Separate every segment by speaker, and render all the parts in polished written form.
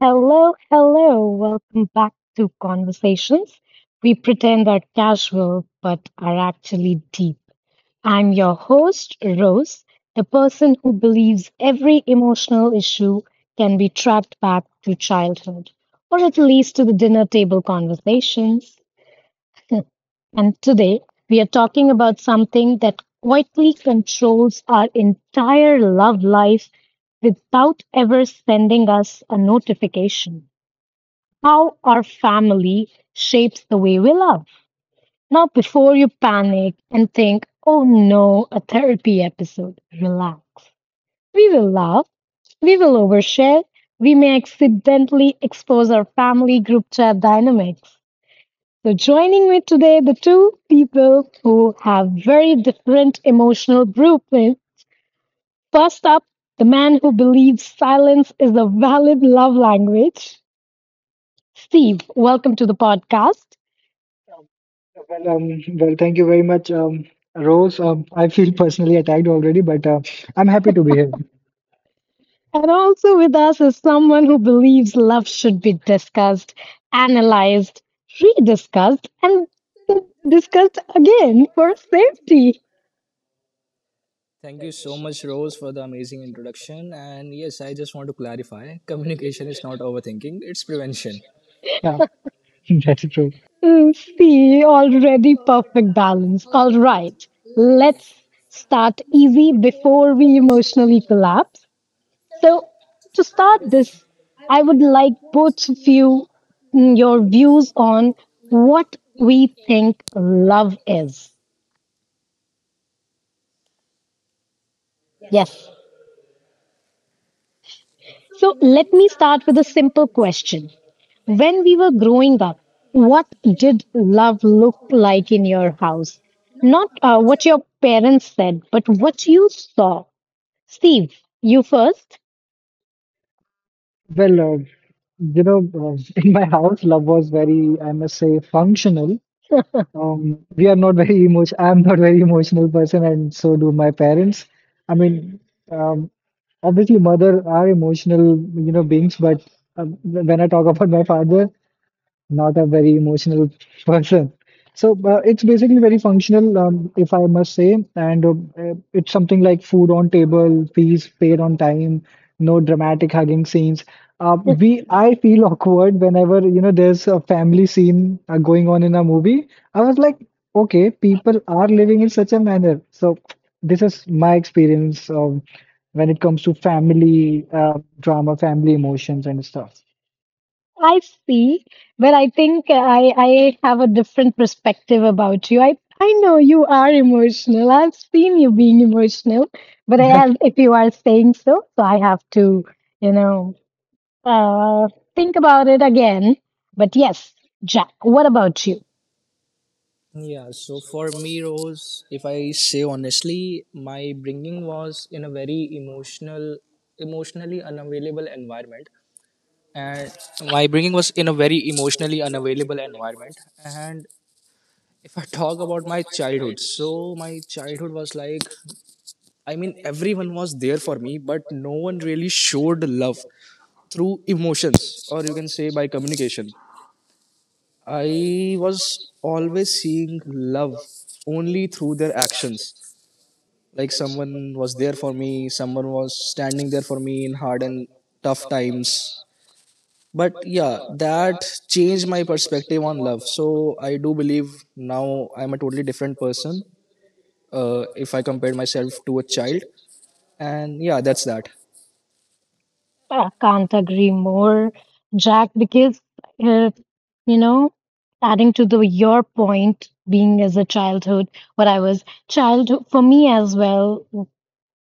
Speaker 1: Hello, hello. Welcome back to Conversations. We pretend are casual, but are actually deep. I'm your host, Rose, the person who believes every emotional issue can be tracked back to childhood, or at least to the dinner table conversations. And today, we are talking about something that quietly controls our entire love life without ever sending us a notification how our family shapes the way we love. Now, before you panic and think, oh no, a therapy episode, relax. We will laugh, we will overshare, we may accidentally expose our family group chat dynamics. So, joining me today, the two people who have very different emotional blueprints. First up, the man who believes silence is a valid love language. Steve, welcome to the podcast.
Speaker 2: Um, yeah. Well, well, thank you very much, Rose. I feel personally attacked already, but I'm happy to be here.
Speaker 1: And also with us is someone who believes love should be discussed, analyzed, rediscussed, and discussed again for safety.
Speaker 3: Thank you so much, Rose, for the amazing introduction. And yes, I just want to clarify communication is not overthinking, it's prevention.
Speaker 2: Yeah, that's true.
Speaker 1: See, already perfect balance. All right, let's start easy before we emotionally collapse. So, to start this, I would like both of you your views on what we think love is. Yes. So let me start with a simple question. When we were growing up, what did love look like in your house? Not what your parents said, but what you saw. Steve, you first.
Speaker 2: Well, in my house, love was very, I must say, functional. We are not very emotional. I'm not very emotional person, and so do my parents. I mean, um, obviously, mother are emotional, beings, but when I talk about my father, not a very emotional person. So it's basically very functional, if I must say. And it's something like food on table, fees paid on time, no dramatic hugging scenes.
Speaker 1: Yes,
Speaker 2: I feel awkward whenever, there's a family scene going on in a movie. I was like, okay, people are living in such a manner. So this is my experience when it comes to family drama, family emotions and stuff.
Speaker 1: I see, but I think I have a different perspective about you. I know you are emotional. I've seen you being emotional, but I, as if you are saying so I have to, you know. Uh, think about it again. But yes, Jack, what about you?
Speaker 3: Yeah, so for me, Rose, if I say honestly, my bringing was in a very emotional, emotionally unavailable environment. And my bringing was in a very emotionally unavailable environment. And if I talk about my childhood, so my childhood was like, I mean, everyone was there for me, but no one really showed love through emotions or you can say by communication. I was always seeing love only through their actions. Like someone was there for me, someone was standing there for me in hard and tough times. But yeah, that changed my perspective on love. So I do believe now I'm a totally different person if I compare myself to a child. And yeah, that's that.
Speaker 1: I can't agree more, Jack, because, uh, you know, adding to the your point, being as a childhood, what I was childhood for me as well,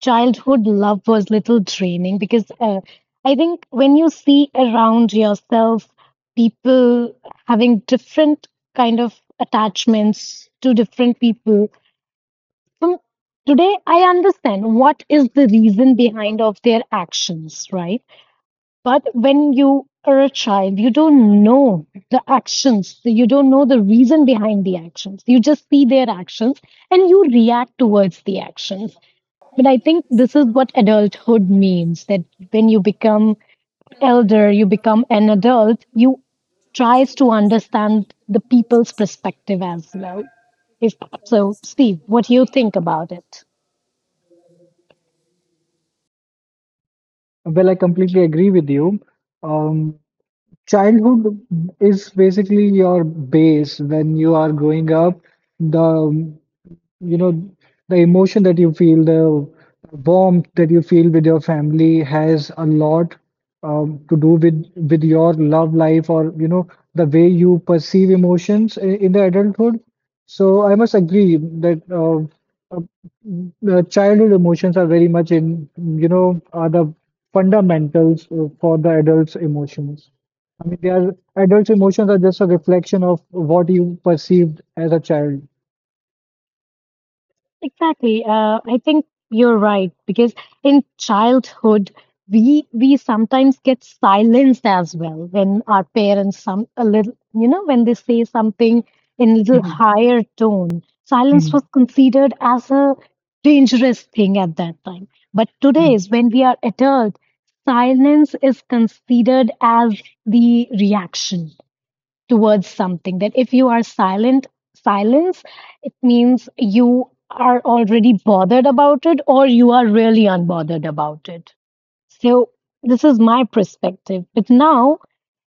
Speaker 1: childhood love was little draining because I think when you see around yourself people having different kind of attachments to different people. So today I understand what is the reason behind of their actions, right? But when you are a child, you don't know the actions. You don't know the reason behind the actions. You just see their actions and you react towards the actions. But I think this is what adulthood means that when you become elder, you become an adult, you tries to understand the people's perspective as well. If so, Steve, what do you think about it?
Speaker 2: Well, I completely agree with you. Um, Childhood is basically your base when you are growing up. The you know the emotion that you feel, the warmth that you feel with your family has a lot to do with your love life, or the way you perceive emotions in the adulthood. So I must agree that uh, the childhood emotions are very much in, are the fundamentals for the adults emotions. I mean, they are adults emotions are just a reflection of what you perceived as a child.
Speaker 1: Exactly. I think you're right because in childhood we sometimes get silenced as well when our parents some a little you know when they say something in little
Speaker 2: Mhm.
Speaker 1: higher tone. Silence
Speaker 2: Mhm.
Speaker 1: was considered as a dangerous thing at that time. But today
Speaker 2: Mm.
Speaker 1: is when we are adult, silence is considered as the reaction towards something that if you are silent silence it means you are already bothered about it or you are really unbothered about it. So this is my perspective, but now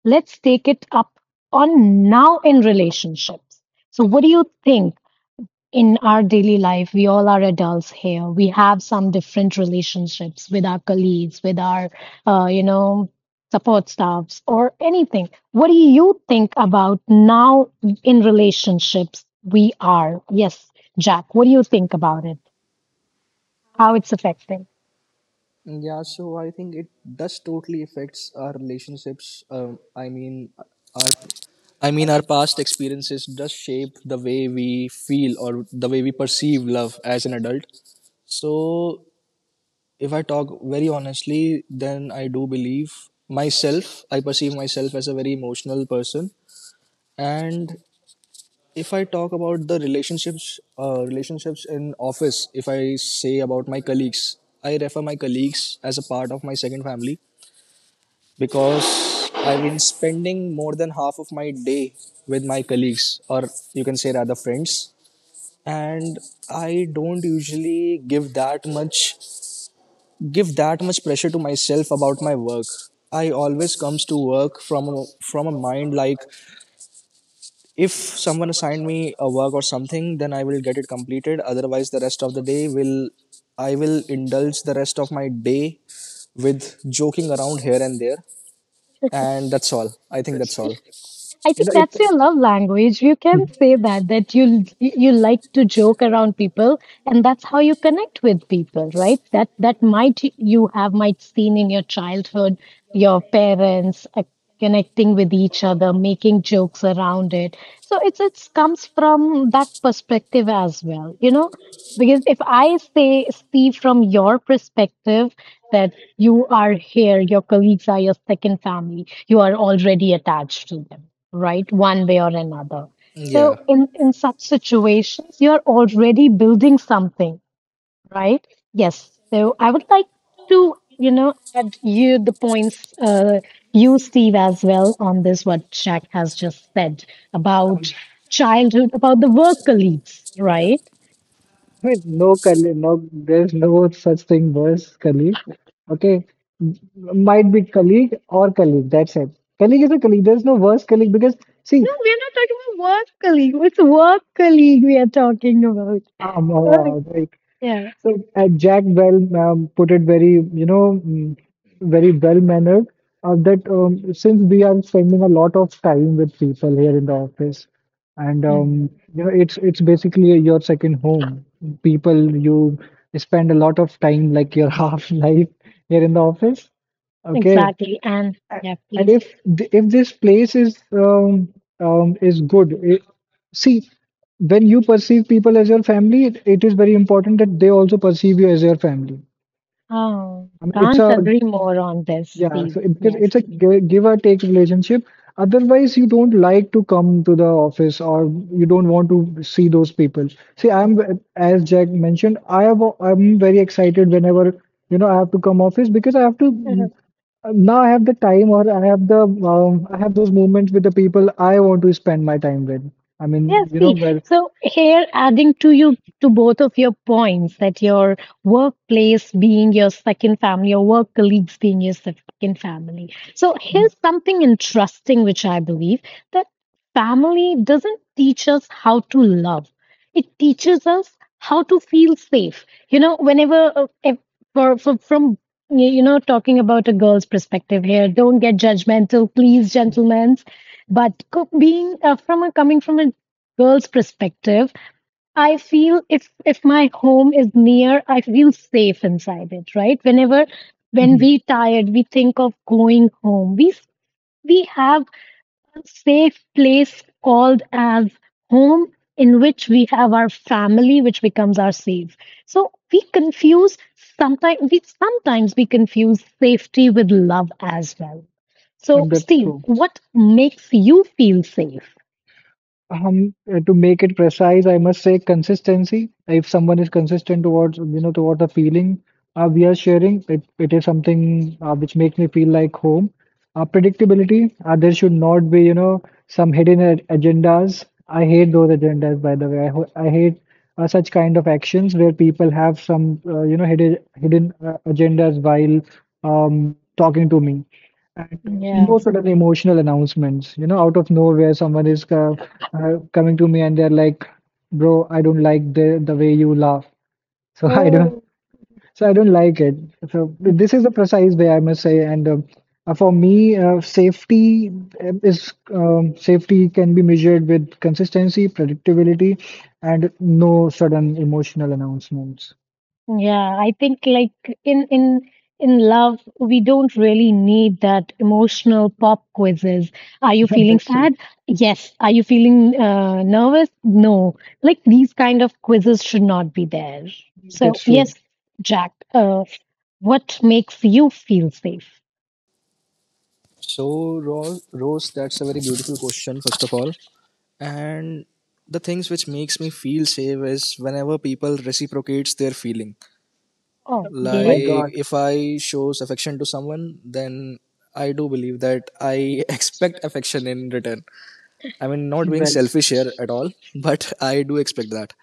Speaker 1: let's take it up on now in relationships. So what do you think in our daily life, we all are adults here. We have some different relationships with our colleagues, with our, you know, support staffs or anything. What do you think about now in relationships we are? Yes, Jack, what do you think about it? How it's affecting?
Speaker 3: Yeah, so I think it does totally affects our relationships. I mean, our our past experiences does shape the way we feel or the way we perceive love as an adult. So if I talk very honestly, then I do believe myself. I perceive myself as a very emotional person, and if I talk about the relationships, relationships in office, if I say about my colleagues, I refer my colleagues as a part of my second family because I've been spending more than half of my day with my colleagues, or you can say rather friends. And I don't usually give that much pressure to myself about my work. I always comes to work from a mind like if someone assigned me a work or something, then I will get it completed. Otherwise, the rest of the day will I will indulge the rest of my day with joking around here and there, and that's all. I think
Speaker 2: That's
Speaker 3: that's
Speaker 2: true.
Speaker 3: all.
Speaker 1: I
Speaker 2: You
Speaker 1: think
Speaker 2: know, it.
Speaker 1: that's your love language. You can
Speaker 2: Mhm.
Speaker 1: say that that you like to joke around people, and that's how you connect with people, right? That that might you have might seen in your childhood, your parents connecting with each other, making jokes around it. So it's comes from that perspective as well, you know. Because if I say see from your perspective that you are here, your colleagues are your second family, you are already attached to them, right? One way or another. So
Speaker 3: Yeah.
Speaker 1: in such situations, you're already building something, right? Yes. So I would like to, you know, add you the points, you, Steve, as well on this, what Jack has just said
Speaker 2: Um,
Speaker 1: about childhood, about the work colleagues, right?
Speaker 2: I mean, no, Kali, no, there's no such thing as colleague. Okay, might be colleague or colleague. That's it. Colleague is a colleague. There's no worse colleague because see,
Speaker 1: No, we're not talking about work colleague. It's work colleague we are talking about.
Speaker 2: um,
Speaker 1: Oh,
Speaker 2: uh,
Speaker 1: yeah.
Speaker 2: so Jack, well, put it very, very well mannered that since we are spending a lot of time with people here in the office, and
Speaker 1: Mhm.
Speaker 2: it's basically your second home. People you spend a lot of time, like your half life here in the office. Okay,
Speaker 1: Exactly. And
Speaker 2: a-
Speaker 1: yeah,
Speaker 2: and
Speaker 1: please.
Speaker 2: if if this place is good, see, when you perceive people as your family, it is very important that they also perceive you as your family.
Speaker 1: Oh,
Speaker 2: I mean, it's
Speaker 1: can't
Speaker 2: a,
Speaker 1: agree more on this,
Speaker 2: yeah,
Speaker 1: Steve.
Speaker 2: so it, because
Speaker 1: Yes.
Speaker 2: it's a give or take relationship. Otherwise, you don't like to come to the office or you don't want to see those people. See, as Jack mentioned, I'm very excited whenever I have to come office because I have to mm, now I have the time, or I have those moments with the people I want to spend my time with. I mean,
Speaker 1: Yes, P.
Speaker 2: well,
Speaker 1: So here, adding to you to both of your points that your workplace being your second family, your work colleagues being your second family. So here's something interesting, which I believe that family doesn't teach us how to love. It teaches us how to feel safe. You know, whenever if, for from you you know talking about a girl's perspective here, don't get judgmental, please, gentlemen, but being from a coming from a girl's perspective, I feel if my home is near, I feel safe inside it, right? Whenever when
Speaker 2: mhm,
Speaker 1: we tired, we think of going home. We have a safe place called as home in which we have our family which becomes our safe. So we confuse sometimes we confuse safety with love as well. So
Speaker 2: and that's
Speaker 1: Steve,
Speaker 2: true.
Speaker 1: what makes you feel safe?
Speaker 2: To make it precise, I must say consistency. If someone is consistent towards, toward the feeling we are sharing, it is something which makes me feel like home. Predictability. There should not be, some hidden agendas. I hate those agendas, by the way. I hate such kind of actions where people have some, hidden agendas while talking to me. And
Speaker 1: Yeah.
Speaker 2: no sudden emotional announcements, out of nowhere, someone is coming to me and they're like, "Bro, I don't like the way you laugh." So I don't,
Speaker 1: Oh.
Speaker 2: so I don't like it. So this is the precise way I must say. And for me, safety can be measured with consistency, predictability, and no sudden emotional announcements.
Speaker 1: Yeah, I think like in in in love, we don't really need that emotional pop quizzes. Are you feeling
Speaker 2: That's true.
Speaker 1: sad? Yes. Are you feeling nervous? No. Like these kind of quizzes should not be there. So
Speaker 2: That's true.
Speaker 1: yes, Jack, what makes you feel safe?
Speaker 3: So Rose, that's a very beautiful question, first of all. And the things which makes me feel safe is whenever people reciprocates their feeling.
Speaker 2: Oh my
Speaker 1: Okay.
Speaker 3: Like
Speaker 2: God.
Speaker 3: if I shows affection to someone, then I do believe that I expect affection in return. I mean, not being
Speaker 2: Well,
Speaker 3: selfish here at all, but I do expect that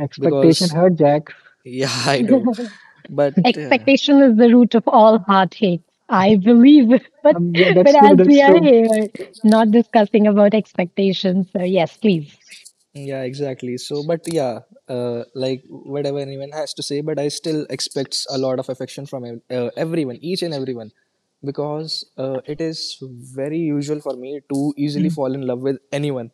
Speaker 2: expectation
Speaker 3: because
Speaker 2: hurt, Jack.
Speaker 3: yeah, I do. But yeah.
Speaker 1: Expectation is the root of all heartaches, I believe. But
Speaker 2: Yeah,
Speaker 1: but
Speaker 2: that's true.
Speaker 1: as we
Speaker 2: That's
Speaker 1: are
Speaker 2: true.
Speaker 1: here, not discussing about expectations, so yes, please.
Speaker 3: Yeah, exactly. So, but yeah, like whatever anyone has to say, but I still expects a lot of affection from everyone, each and everyone, because it is very usual for me to easily
Speaker 2: Mhm.
Speaker 3: fall in love with anyone.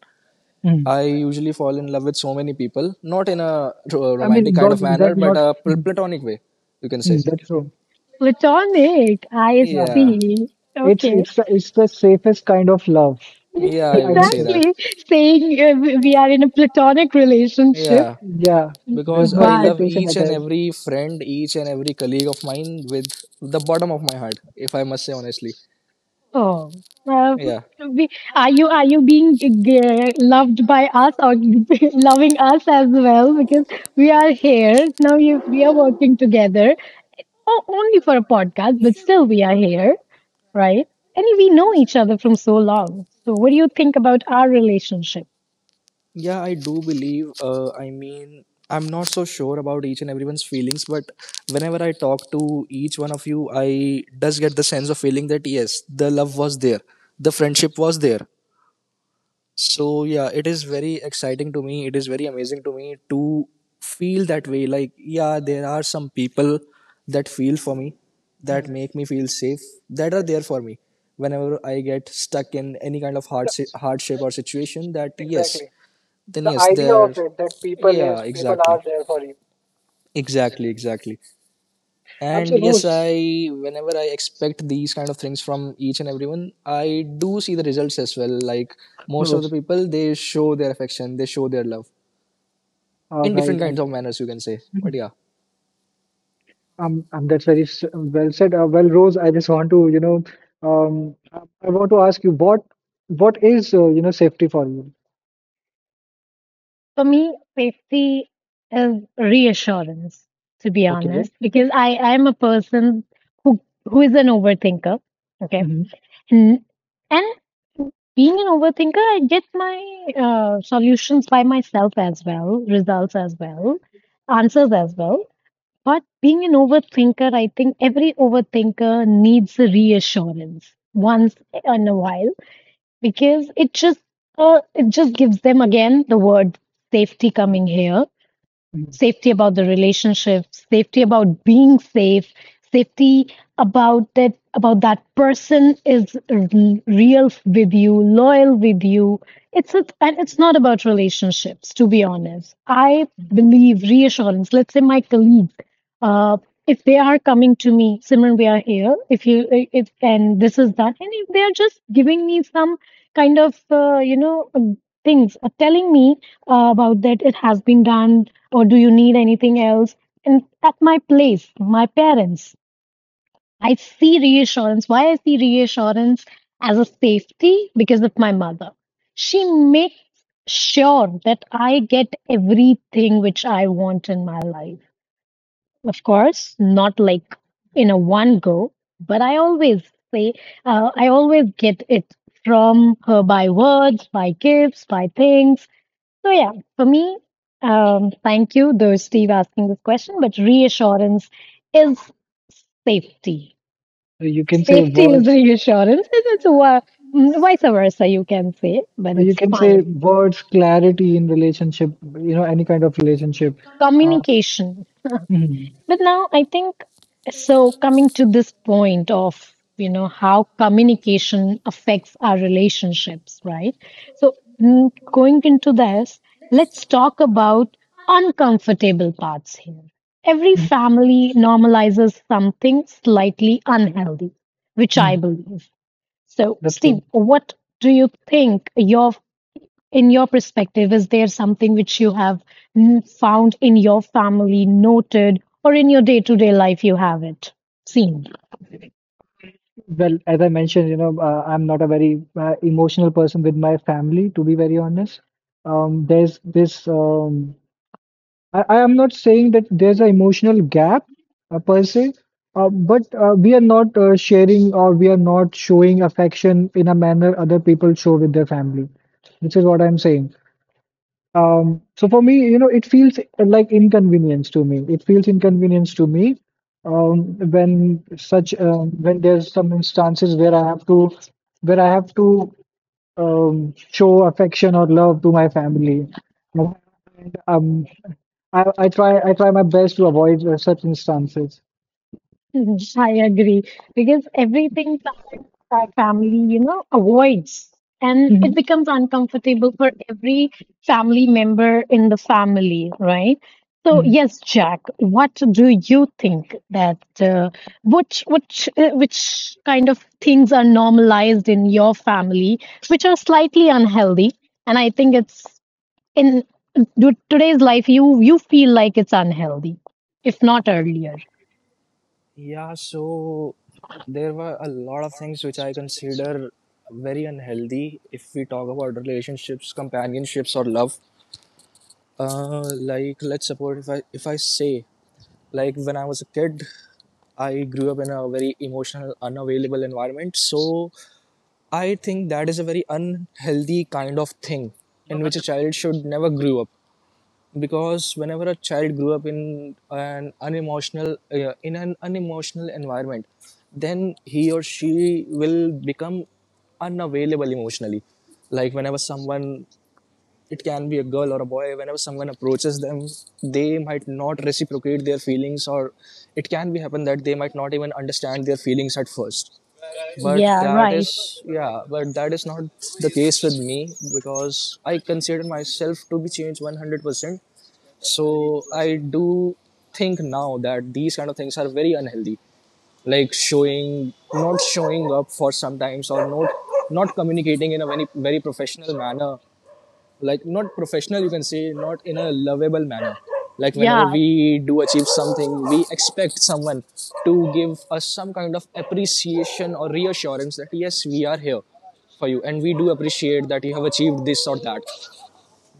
Speaker 2: Mhm.
Speaker 3: I usually fall in love with so many people, not in a
Speaker 2: I
Speaker 3: romantic
Speaker 2: mean,
Speaker 3: kind
Speaker 2: not
Speaker 3: of
Speaker 2: that
Speaker 3: manner, but
Speaker 2: not.
Speaker 3: a
Speaker 2: Mhm.
Speaker 3: platonic way, you can say.
Speaker 2: Mm, that's true.
Speaker 1: Platonic, I
Speaker 2: Yeah.
Speaker 3: Yeah,
Speaker 1: see.
Speaker 2: It's
Speaker 1: Okay.
Speaker 2: it's the- it's the safest kind of love,
Speaker 1: Yeah,
Speaker 3: yeah, you
Speaker 2: I
Speaker 3: can
Speaker 2: must
Speaker 3: say
Speaker 2: say.
Speaker 3: that.
Speaker 1: exactly. Saying we are in a platonic relationship,
Speaker 3: Yeah,
Speaker 2: Yeah, there's
Speaker 3: because
Speaker 2: no
Speaker 3: I
Speaker 1: but
Speaker 3: love
Speaker 2: expectation
Speaker 3: each and
Speaker 2: attached.
Speaker 3: every friend, each and every colleague of mine with the bottom of my heart, if I must say honestly.
Speaker 1: oh, uh,
Speaker 3: Yeah.
Speaker 1: we, are you being loved by us or loving us as well? Because we are here now. You, we are working together. Oh, only for a podcast, but still we are here, right? And we know each other from so long. So, what do you think about our relationship?
Speaker 3: Yeah, I do believe. I mean, I'm not so sure about each and everyone's feelings, but whenever I talk to each one of you, I does get the sense of feeling that yes, the love was there, the friendship was there. So yeah, it is very exciting to me. It is very amazing to me to feel that way. Like yeah, there are some people that feel for me, that
Speaker 2: Hmm.
Speaker 3: make me feel safe, that are there for me whenever I get stuck in any kind of
Speaker 2: The-
Speaker 3: hardship or situation. That yes,
Speaker 2: Exactly.
Speaker 3: then
Speaker 2: The
Speaker 3: yes,
Speaker 2: idea of
Speaker 3: there.
Speaker 2: it that people
Speaker 3: Yeah,
Speaker 2: is people are
Speaker 3: exactly,
Speaker 2: there for you.
Speaker 3: exactly, exactly,
Speaker 2: I'm
Speaker 3: and
Speaker 2: so,
Speaker 3: yes,
Speaker 2: Rose.
Speaker 3: I whenever I expect these kind of things from each and everyone, I do see the results as well. Like most of the
Speaker 2: Rose.
Speaker 3: people, they show their affection, they show their love
Speaker 2: All
Speaker 3: in
Speaker 2: right.
Speaker 3: different kinds
Speaker 2: And
Speaker 3: of manners, you can say,
Speaker 2: hmm,
Speaker 3: but yeah.
Speaker 2: that's very well said. Well, Rose, I just want to, I want to ask you what is, safety for you?
Speaker 1: For me, safety is reassurance, to be
Speaker 2: Okay.
Speaker 1: honest, because I am a person who is an overthinker. Okay,
Speaker 2: hmm
Speaker 1: and and being an overthinker, I get my solutions by myself as well, results as well, answers as well. But being an overthinker, I think every overthinker needs a reassurance once in a while because it just gives them again the word safety coming here safety about the relationship, safety about being safe, safety about that person is real with you, loyal with you. It's a, and it's not about relationships, to be honest. I believe reassurance. Let's say my colleague, uh, if they are coming to me, Simran, we are here. If you if and this is that, and if they are just giving me some kind of you know things, telling me about that it has been done or do you need anything else? And at my place, my parents, I see reassurance. Why I see reassurance as a safety? Because of my mother. She makes sure that I get everything which I want in my life. Of course, not like in a one go, but I always say, I always get it from her by words, by gifts, by things. So yeah, for me, thank you, though Steve asking this question, but reassurance is safety.
Speaker 2: You can say
Speaker 1: Safety is
Speaker 2: what
Speaker 1: reassurance, and it's vice versa, you can say, but
Speaker 2: So you
Speaker 1: it's
Speaker 2: can say
Speaker 1: fine.
Speaker 2: words, clarity in relationship, any kind of relationship. Uh,
Speaker 1: Communication. But
Speaker 2: mhm,
Speaker 1: now I think so coming to this point of you know how communication affects our relationships, right? So going into this, let's talk about uncomfortable parts here. Every
Speaker 2: mhm,
Speaker 1: family normalizes something slightly unhealthy, which I
Speaker 2: mhm,
Speaker 1: believe. So
Speaker 2: that's
Speaker 1: Steve,
Speaker 2: true.
Speaker 1: what do you think your in your perspective, is there something which you have found in your family, noted, or in your day to day life you have it seen?
Speaker 2: Well, as I mentioned, I'm not a very emotional person with my family, to be very honest. Um, there's this, um, I am not saying that there's an emotional gap per se, but we are not sharing, or we are not showing affection in a manner other people show with their family. This is what I'm saying. So for me, it feels like inconvenience to me. It feels inconvenience to me when there's some instances where I have to show affection or love to my family. And, I try my best to avoid such instances.
Speaker 1: I agree because everything that our family, you know, avoids and
Speaker 2: Mhm.
Speaker 1: it becomes uncomfortable for every family member in the family, right? So
Speaker 2: Mhm.
Speaker 1: yes, Jack, what do you think that which kind of things are normalized in your family which are slightly unhealthy and I think it's in today's life you feel like it's unhealthy if not earlier.
Speaker 3: Yeah, so there were a lot of things which I consider very unhealthy if we talk about relationships, companionships, or love. Uh, like let's suppose, if I say like when I was a kid, I grew up in a very emotional, unavailable environment. So I think that is a very unhealthy kind of thing in which a child should never grow up, because whenever a child grew up in an unemotional environment, then he or she will become unavailable emotionally. Like whenever someone, it can be a girl or a boy, whenever someone approaches them, they might not reciprocate their feelings, or it can be happen that they might not even understand their feelings at first. But
Speaker 1: Yeah,
Speaker 3: that
Speaker 1: right.
Speaker 3: is, yeah, but that is not the case with me, because I consider myself to be changed 100%. So I do think now that these kind of things are very unhealthy, like showing not showing up for sometimes or not communicating in a very, very professional manner. Like not professional, you can say, not in a lovable manner. Like whenever
Speaker 1: Yeah,
Speaker 3: we do achieve something, we expect someone to give us some kind of appreciation or reassurance that yes, we are here for you, and we do appreciate that you have achieved this or that.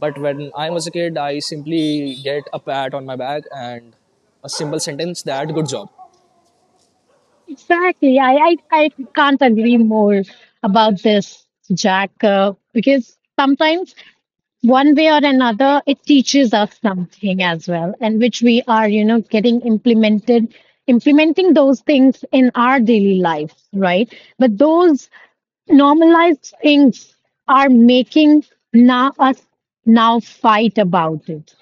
Speaker 3: But when I was a kid, I simply get a pat on my back and a simple sentence that good job.
Speaker 1: exactly. I can't agree more about this, Jack, because sometimes one way or another, it teaches us something as well, and which we are, you know, getting implemented, implementing those things in our daily life, right? But those normalized things are making now us now fight about it.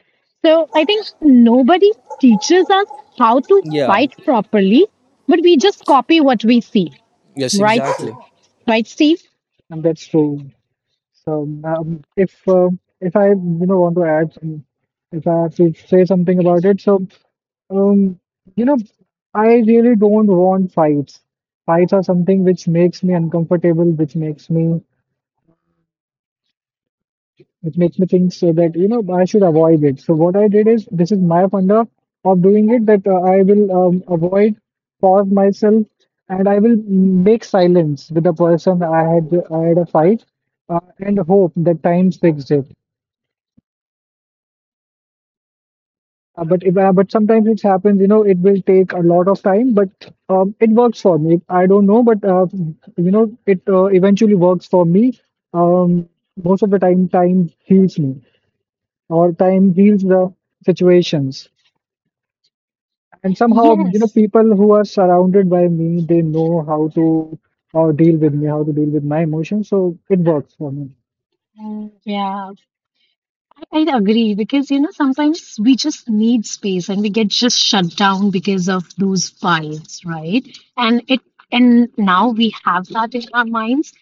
Speaker 1: So I think nobody teaches us how to
Speaker 3: Yeah,
Speaker 1: fight properly, but we just copy what we see,
Speaker 3: yes,
Speaker 1: right?
Speaker 2: That's true,
Speaker 3: exactly.
Speaker 1: Right, Steve?
Speaker 2: and that's true. So if I want to add some, if I have to say something about it, so. Um, you know, I really don't want fights. Fights are something which makes me uncomfortable, which makes me think so that I should avoid it. So what I did is this is my funda of doing it that I will avoid, pause myself, and I will make silence with the person I had a fight, and hope that time fixes it. But if, but sometimes it happens, it will take a lot of time, but it works for me. I don't know, but it eventually works for me. Um, Most of the time, time heals me, or time heals the situations. And somehow,
Speaker 1: Yes.
Speaker 2: people who are surrounded by me, they know how to deal with me, how to deal with my emotions. So it works for me.
Speaker 1: And yeah, I agree because you know sometimes we just need space and we get just shut down because of those fights, right? And it and now we have that in our minds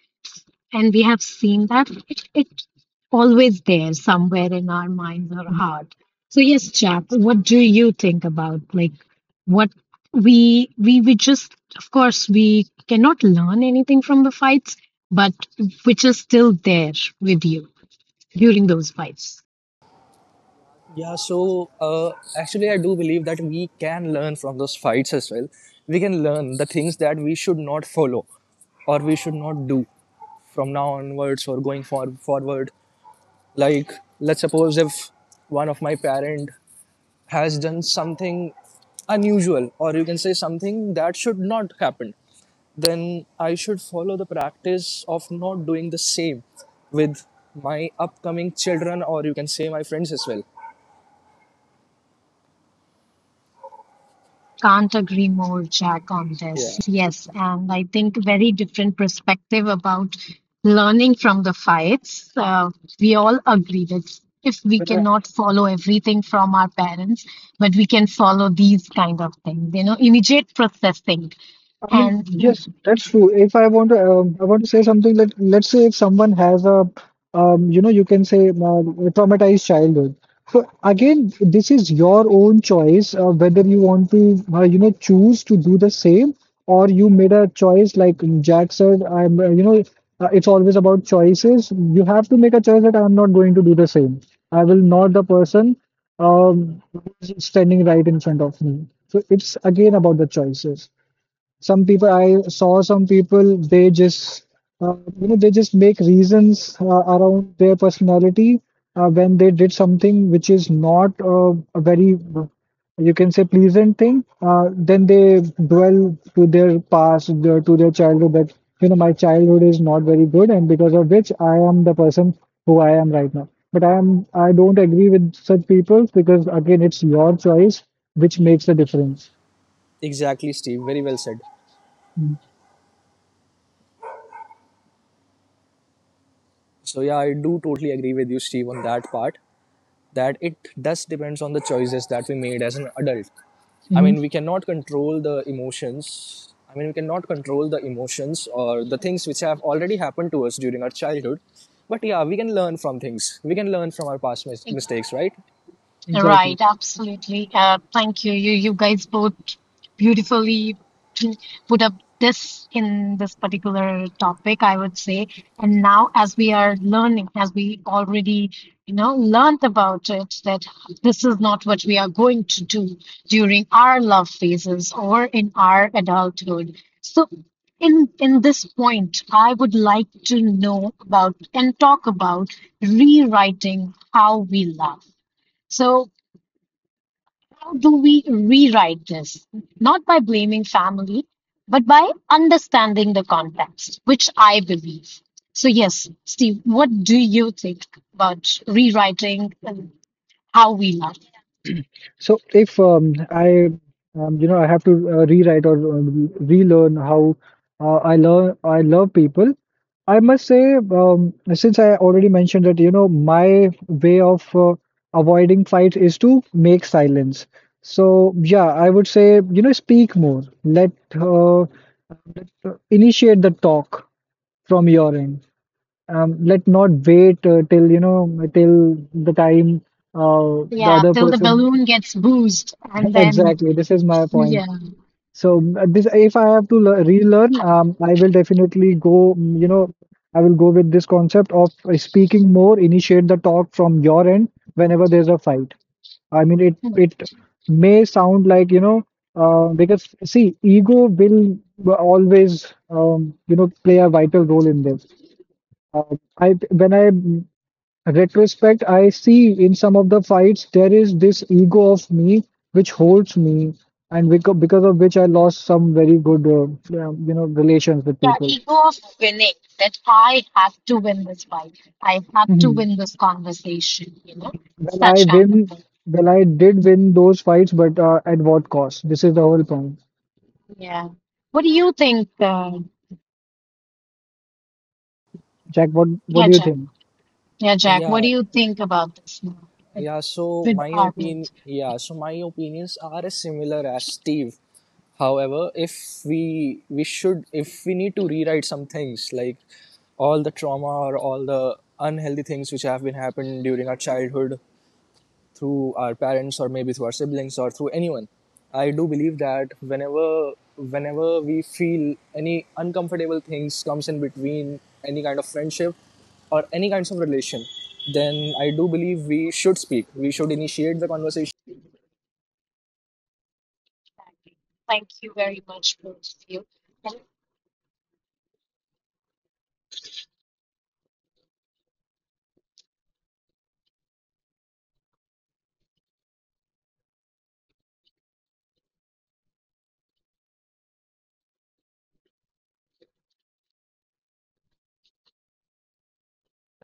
Speaker 1: and we have seen that it, it's always there somewhere in our minds or
Speaker 2: Mhm.
Speaker 1: heart. So yes Jack, what do you think about like what we just of course we cannot learn anything from the fights but which is still there with you during those fights.
Speaker 3: Yeah, so actually, I do believe that we can learn from those fights as well. We can learn the things that we should not follow or we should not do from now onwards or going forward. Like, let's suppose if one of my parent has done something unusual or you can say something that should not happen, then I should follow the practice of not doing the same with my upcoming children or you can say my friends as well.
Speaker 1: Can't agree more, Jack, on
Speaker 3: Yeah.
Speaker 1: this. Yes, and I think very different perspective about learning from the fights. We all agree that if we
Speaker 2: But
Speaker 1: cannot follow everything from our parents, but we can follow these kind of things, you know, immediate processing
Speaker 2: I mean,
Speaker 1: and.
Speaker 2: yes, that's true. If I want to, I want to say something. Let's say if someone has a, you can say traumatized childhood. So again, this is your own choice whether you want to, choose to do the same, or you made a choice. Like Jack said, it's always about choices. You have to make a choice that I'm not going to do the same. I will not the person who's standing right in front of me. So it's again about the choices. Some people, I saw some people, they just, they just make reasons around their personality when they did something which is not a very, you can say, pleasant thing. Then they dwell to their past, to their childhood that, my childhood is not very good, and because of which I am the person who I am right now. But I don't agree with such people because again, it's your choice which makes the difference.
Speaker 3: Exactly, Steve. Very well said. So yeah, I do totally agree with you, Steve, on that part. That it does depends on the choices that we made as an adult. I mean, we
Speaker 2: Mm-hmm.
Speaker 3: cannot control the emotions. I mean, we cannot control the emotions or the things which have already happened to us during our childhood. But yeah, we can learn from things. We can learn from our past mistakes, right?
Speaker 2: Exactly.
Speaker 1: Right, absolutely. Thank you. You guys both beautifully put up this in this particular topic, I would say. And now, as we are learning, as we already, you know, learned about it, that this is not what we are going to do during our love phases or in our adulthood. So in this point, I would like to know about and talk about rewriting how we love. So how do we rewrite this? Not by blaming family, but by understanding the context, which I believe. So, yes, Steve, what do you think about rewriting how we love?
Speaker 2: So if I have to rewrite or relearn how I love people. I must say, since I already mentioned that, my way of avoiding fights is to make silence. So yeah, I would say, speak more. Let uh, Initiate the talk from your end. Let not wait till the time the
Speaker 1: Yeah,
Speaker 2: other
Speaker 1: till the
Speaker 2: person.
Speaker 1: balloon gets boozed, and then,
Speaker 2: Exactly, this is my
Speaker 1: yeah.
Speaker 2: point. So if I have to relearn, I will definitely go. You know, I will go with this concept of speaking more, initiate the talk from your end whenever there's a fight. I mean, it may sound like, because see, ego will always play a vital role in this. Uh, I When I retrospect, I see in some of the fights there is this ego of me which holds me, and because of which I lost some very good, relations with
Speaker 1: Yeah,
Speaker 2: people.
Speaker 1: ego of winning, that I have to win this fight. I have to
Speaker 2: hmm
Speaker 1: win this conversation, you know,
Speaker 2: Well, I
Speaker 1: such kind of
Speaker 2: win.
Speaker 1: thing.
Speaker 2: Well, I did win those fights, but at what cost? This is the whole point.
Speaker 1: Yeah. What do you think,
Speaker 2: Jack, what
Speaker 1: yeah,
Speaker 2: do you
Speaker 1: Jack?
Speaker 2: think?
Speaker 1: Yeah, Jack, what do
Speaker 3: Yeah.
Speaker 1: you think about this now with
Speaker 3: Yeah, so
Speaker 1: with
Speaker 3: my
Speaker 1: our
Speaker 3: opinion,
Speaker 1: both?
Speaker 3: yeah, so my opinions are similar as Steve. However, if we should if we need to rewrite some things, like all the trauma or all the unhealthy things which have been happened during our childhood through our parents or maybe through our siblings or through anyone, I do believe that whenever we feel any uncomfortable things comes in between any kind of friendship or any kinds of relation, then I do believe we should speak, we should initiate the conversation.
Speaker 1: Thank you very much, both of you. And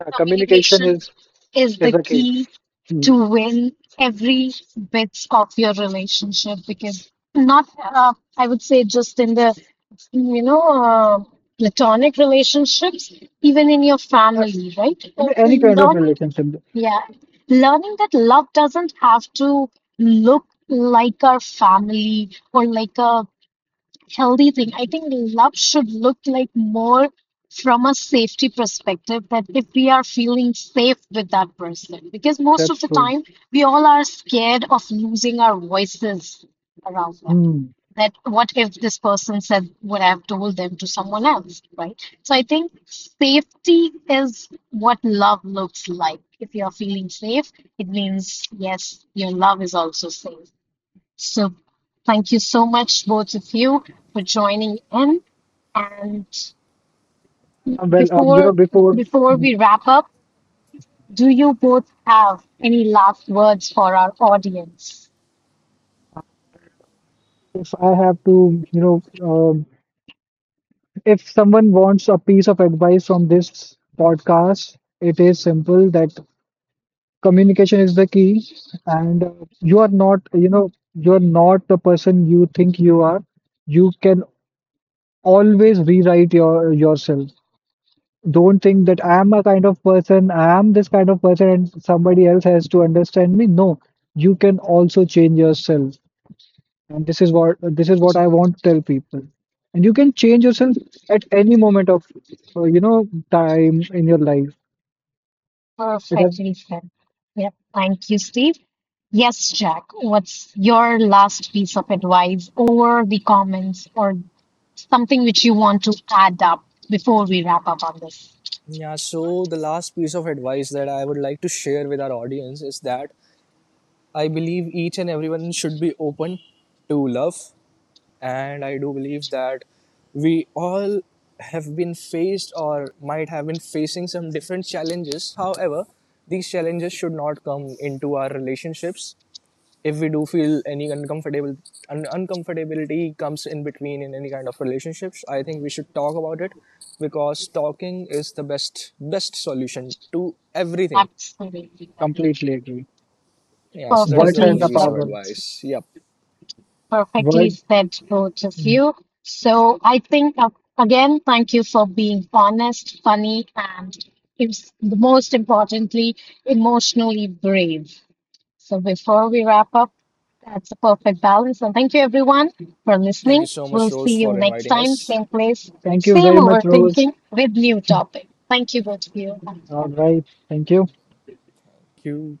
Speaker 2: Communication
Speaker 1: communication
Speaker 2: is
Speaker 1: is
Speaker 2: is
Speaker 1: the
Speaker 2: the key.
Speaker 1: key
Speaker 2: Hmm.
Speaker 1: to win every bits of your relationship because not, I would say, just in the, you know, platonic relationships, even in your
Speaker 2: Uh,
Speaker 1: family, right? So
Speaker 2: any
Speaker 1: in.
Speaker 2: kind of
Speaker 1: Learning,
Speaker 2: relationship,
Speaker 1: yeah, learning that love doesn't have to look like our family or like a healthy thing. I think love should look like more from a safety perspective that if we are feeling safe with that person, because most of
Speaker 2: that's
Speaker 1: the
Speaker 2: true.
Speaker 1: time we all are scared of losing our voices around them.
Speaker 2: Hmm.
Speaker 1: That what if this person said what I've told them to someone else, right? So I think safety is what love looks like. If you're feeling safe, it means yes, your love is also safe. So thank you so much, both of you, for joining in. And
Speaker 2: Well,
Speaker 1: before
Speaker 2: before
Speaker 1: before we wrap up, do you both have any last words for our audience?
Speaker 2: if I have to, you know, um, if someone wants a piece of advice from this podcast, it is simple that communication is the key, and you are not the person you think you are. You can always rewrite yourself. Don't think that I am a kind of person, I am this kind of person, and somebody else has to understand me. No, you can also change yourself, and this is what I want to tell people. And you can change yourself at any moment of uh, you know time in your life. It has
Speaker 1: Perfectly said. Yep. Thank you, Steve. Yes, Jack. What's your last piece of advice, or the comments, or something which you want to add up before we wrap up on this?
Speaker 4: Yeah, so the last piece of advice that I would like to share with our audience is that I believe each and everyone should be open to love. And I do believe that we all have been faced or might have been facing some different challenges. However, these challenges should not come into our relationships. If we do feel any uncomfortable uncomfortability comes in between in any kind of relationships, I think we should talk about it, because talking is the best solution to everything.
Speaker 1: Absolutely.
Speaker 2: completely agree.
Speaker 4: Yeah, so that is
Speaker 2: Words
Speaker 4: the
Speaker 2: has
Speaker 1: Perfectly
Speaker 4: only
Speaker 2: the
Speaker 4: piece
Speaker 1: said.
Speaker 4: of
Speaker 2: power.
Speaker 4: advice. Yep,
Speaker 1: Perfectly
Speaker 2: Word.
Speaker 1: said, both of you. So I think, again, thank you for being honest, funny, and it's the most importantly, emotionally brave. So before we wrap up, that's a perfect balance. And thank you, everyone, for
Speaker 4: thank you
Speaker 1: listening.
Speaker 4: so
Speaker 1: We'll
Speaker 4: much,
Speaker 1: see
Speaker 4: Rose,
Speaker 1: you
Speaker 4: for
Speaker 1: next
Speaker 4: inviting
Speaker 1: time,
Speaker 4: us.
Speaker 1: same place,
Speaker 2: Thank you
Speaker 1: same
Speaker 2: very much, Rose.
Speaker 1: overthinking with new topic. Thank you, both of you.
Speaker 2: All right. Thank you.
Speaker 4: Thank you.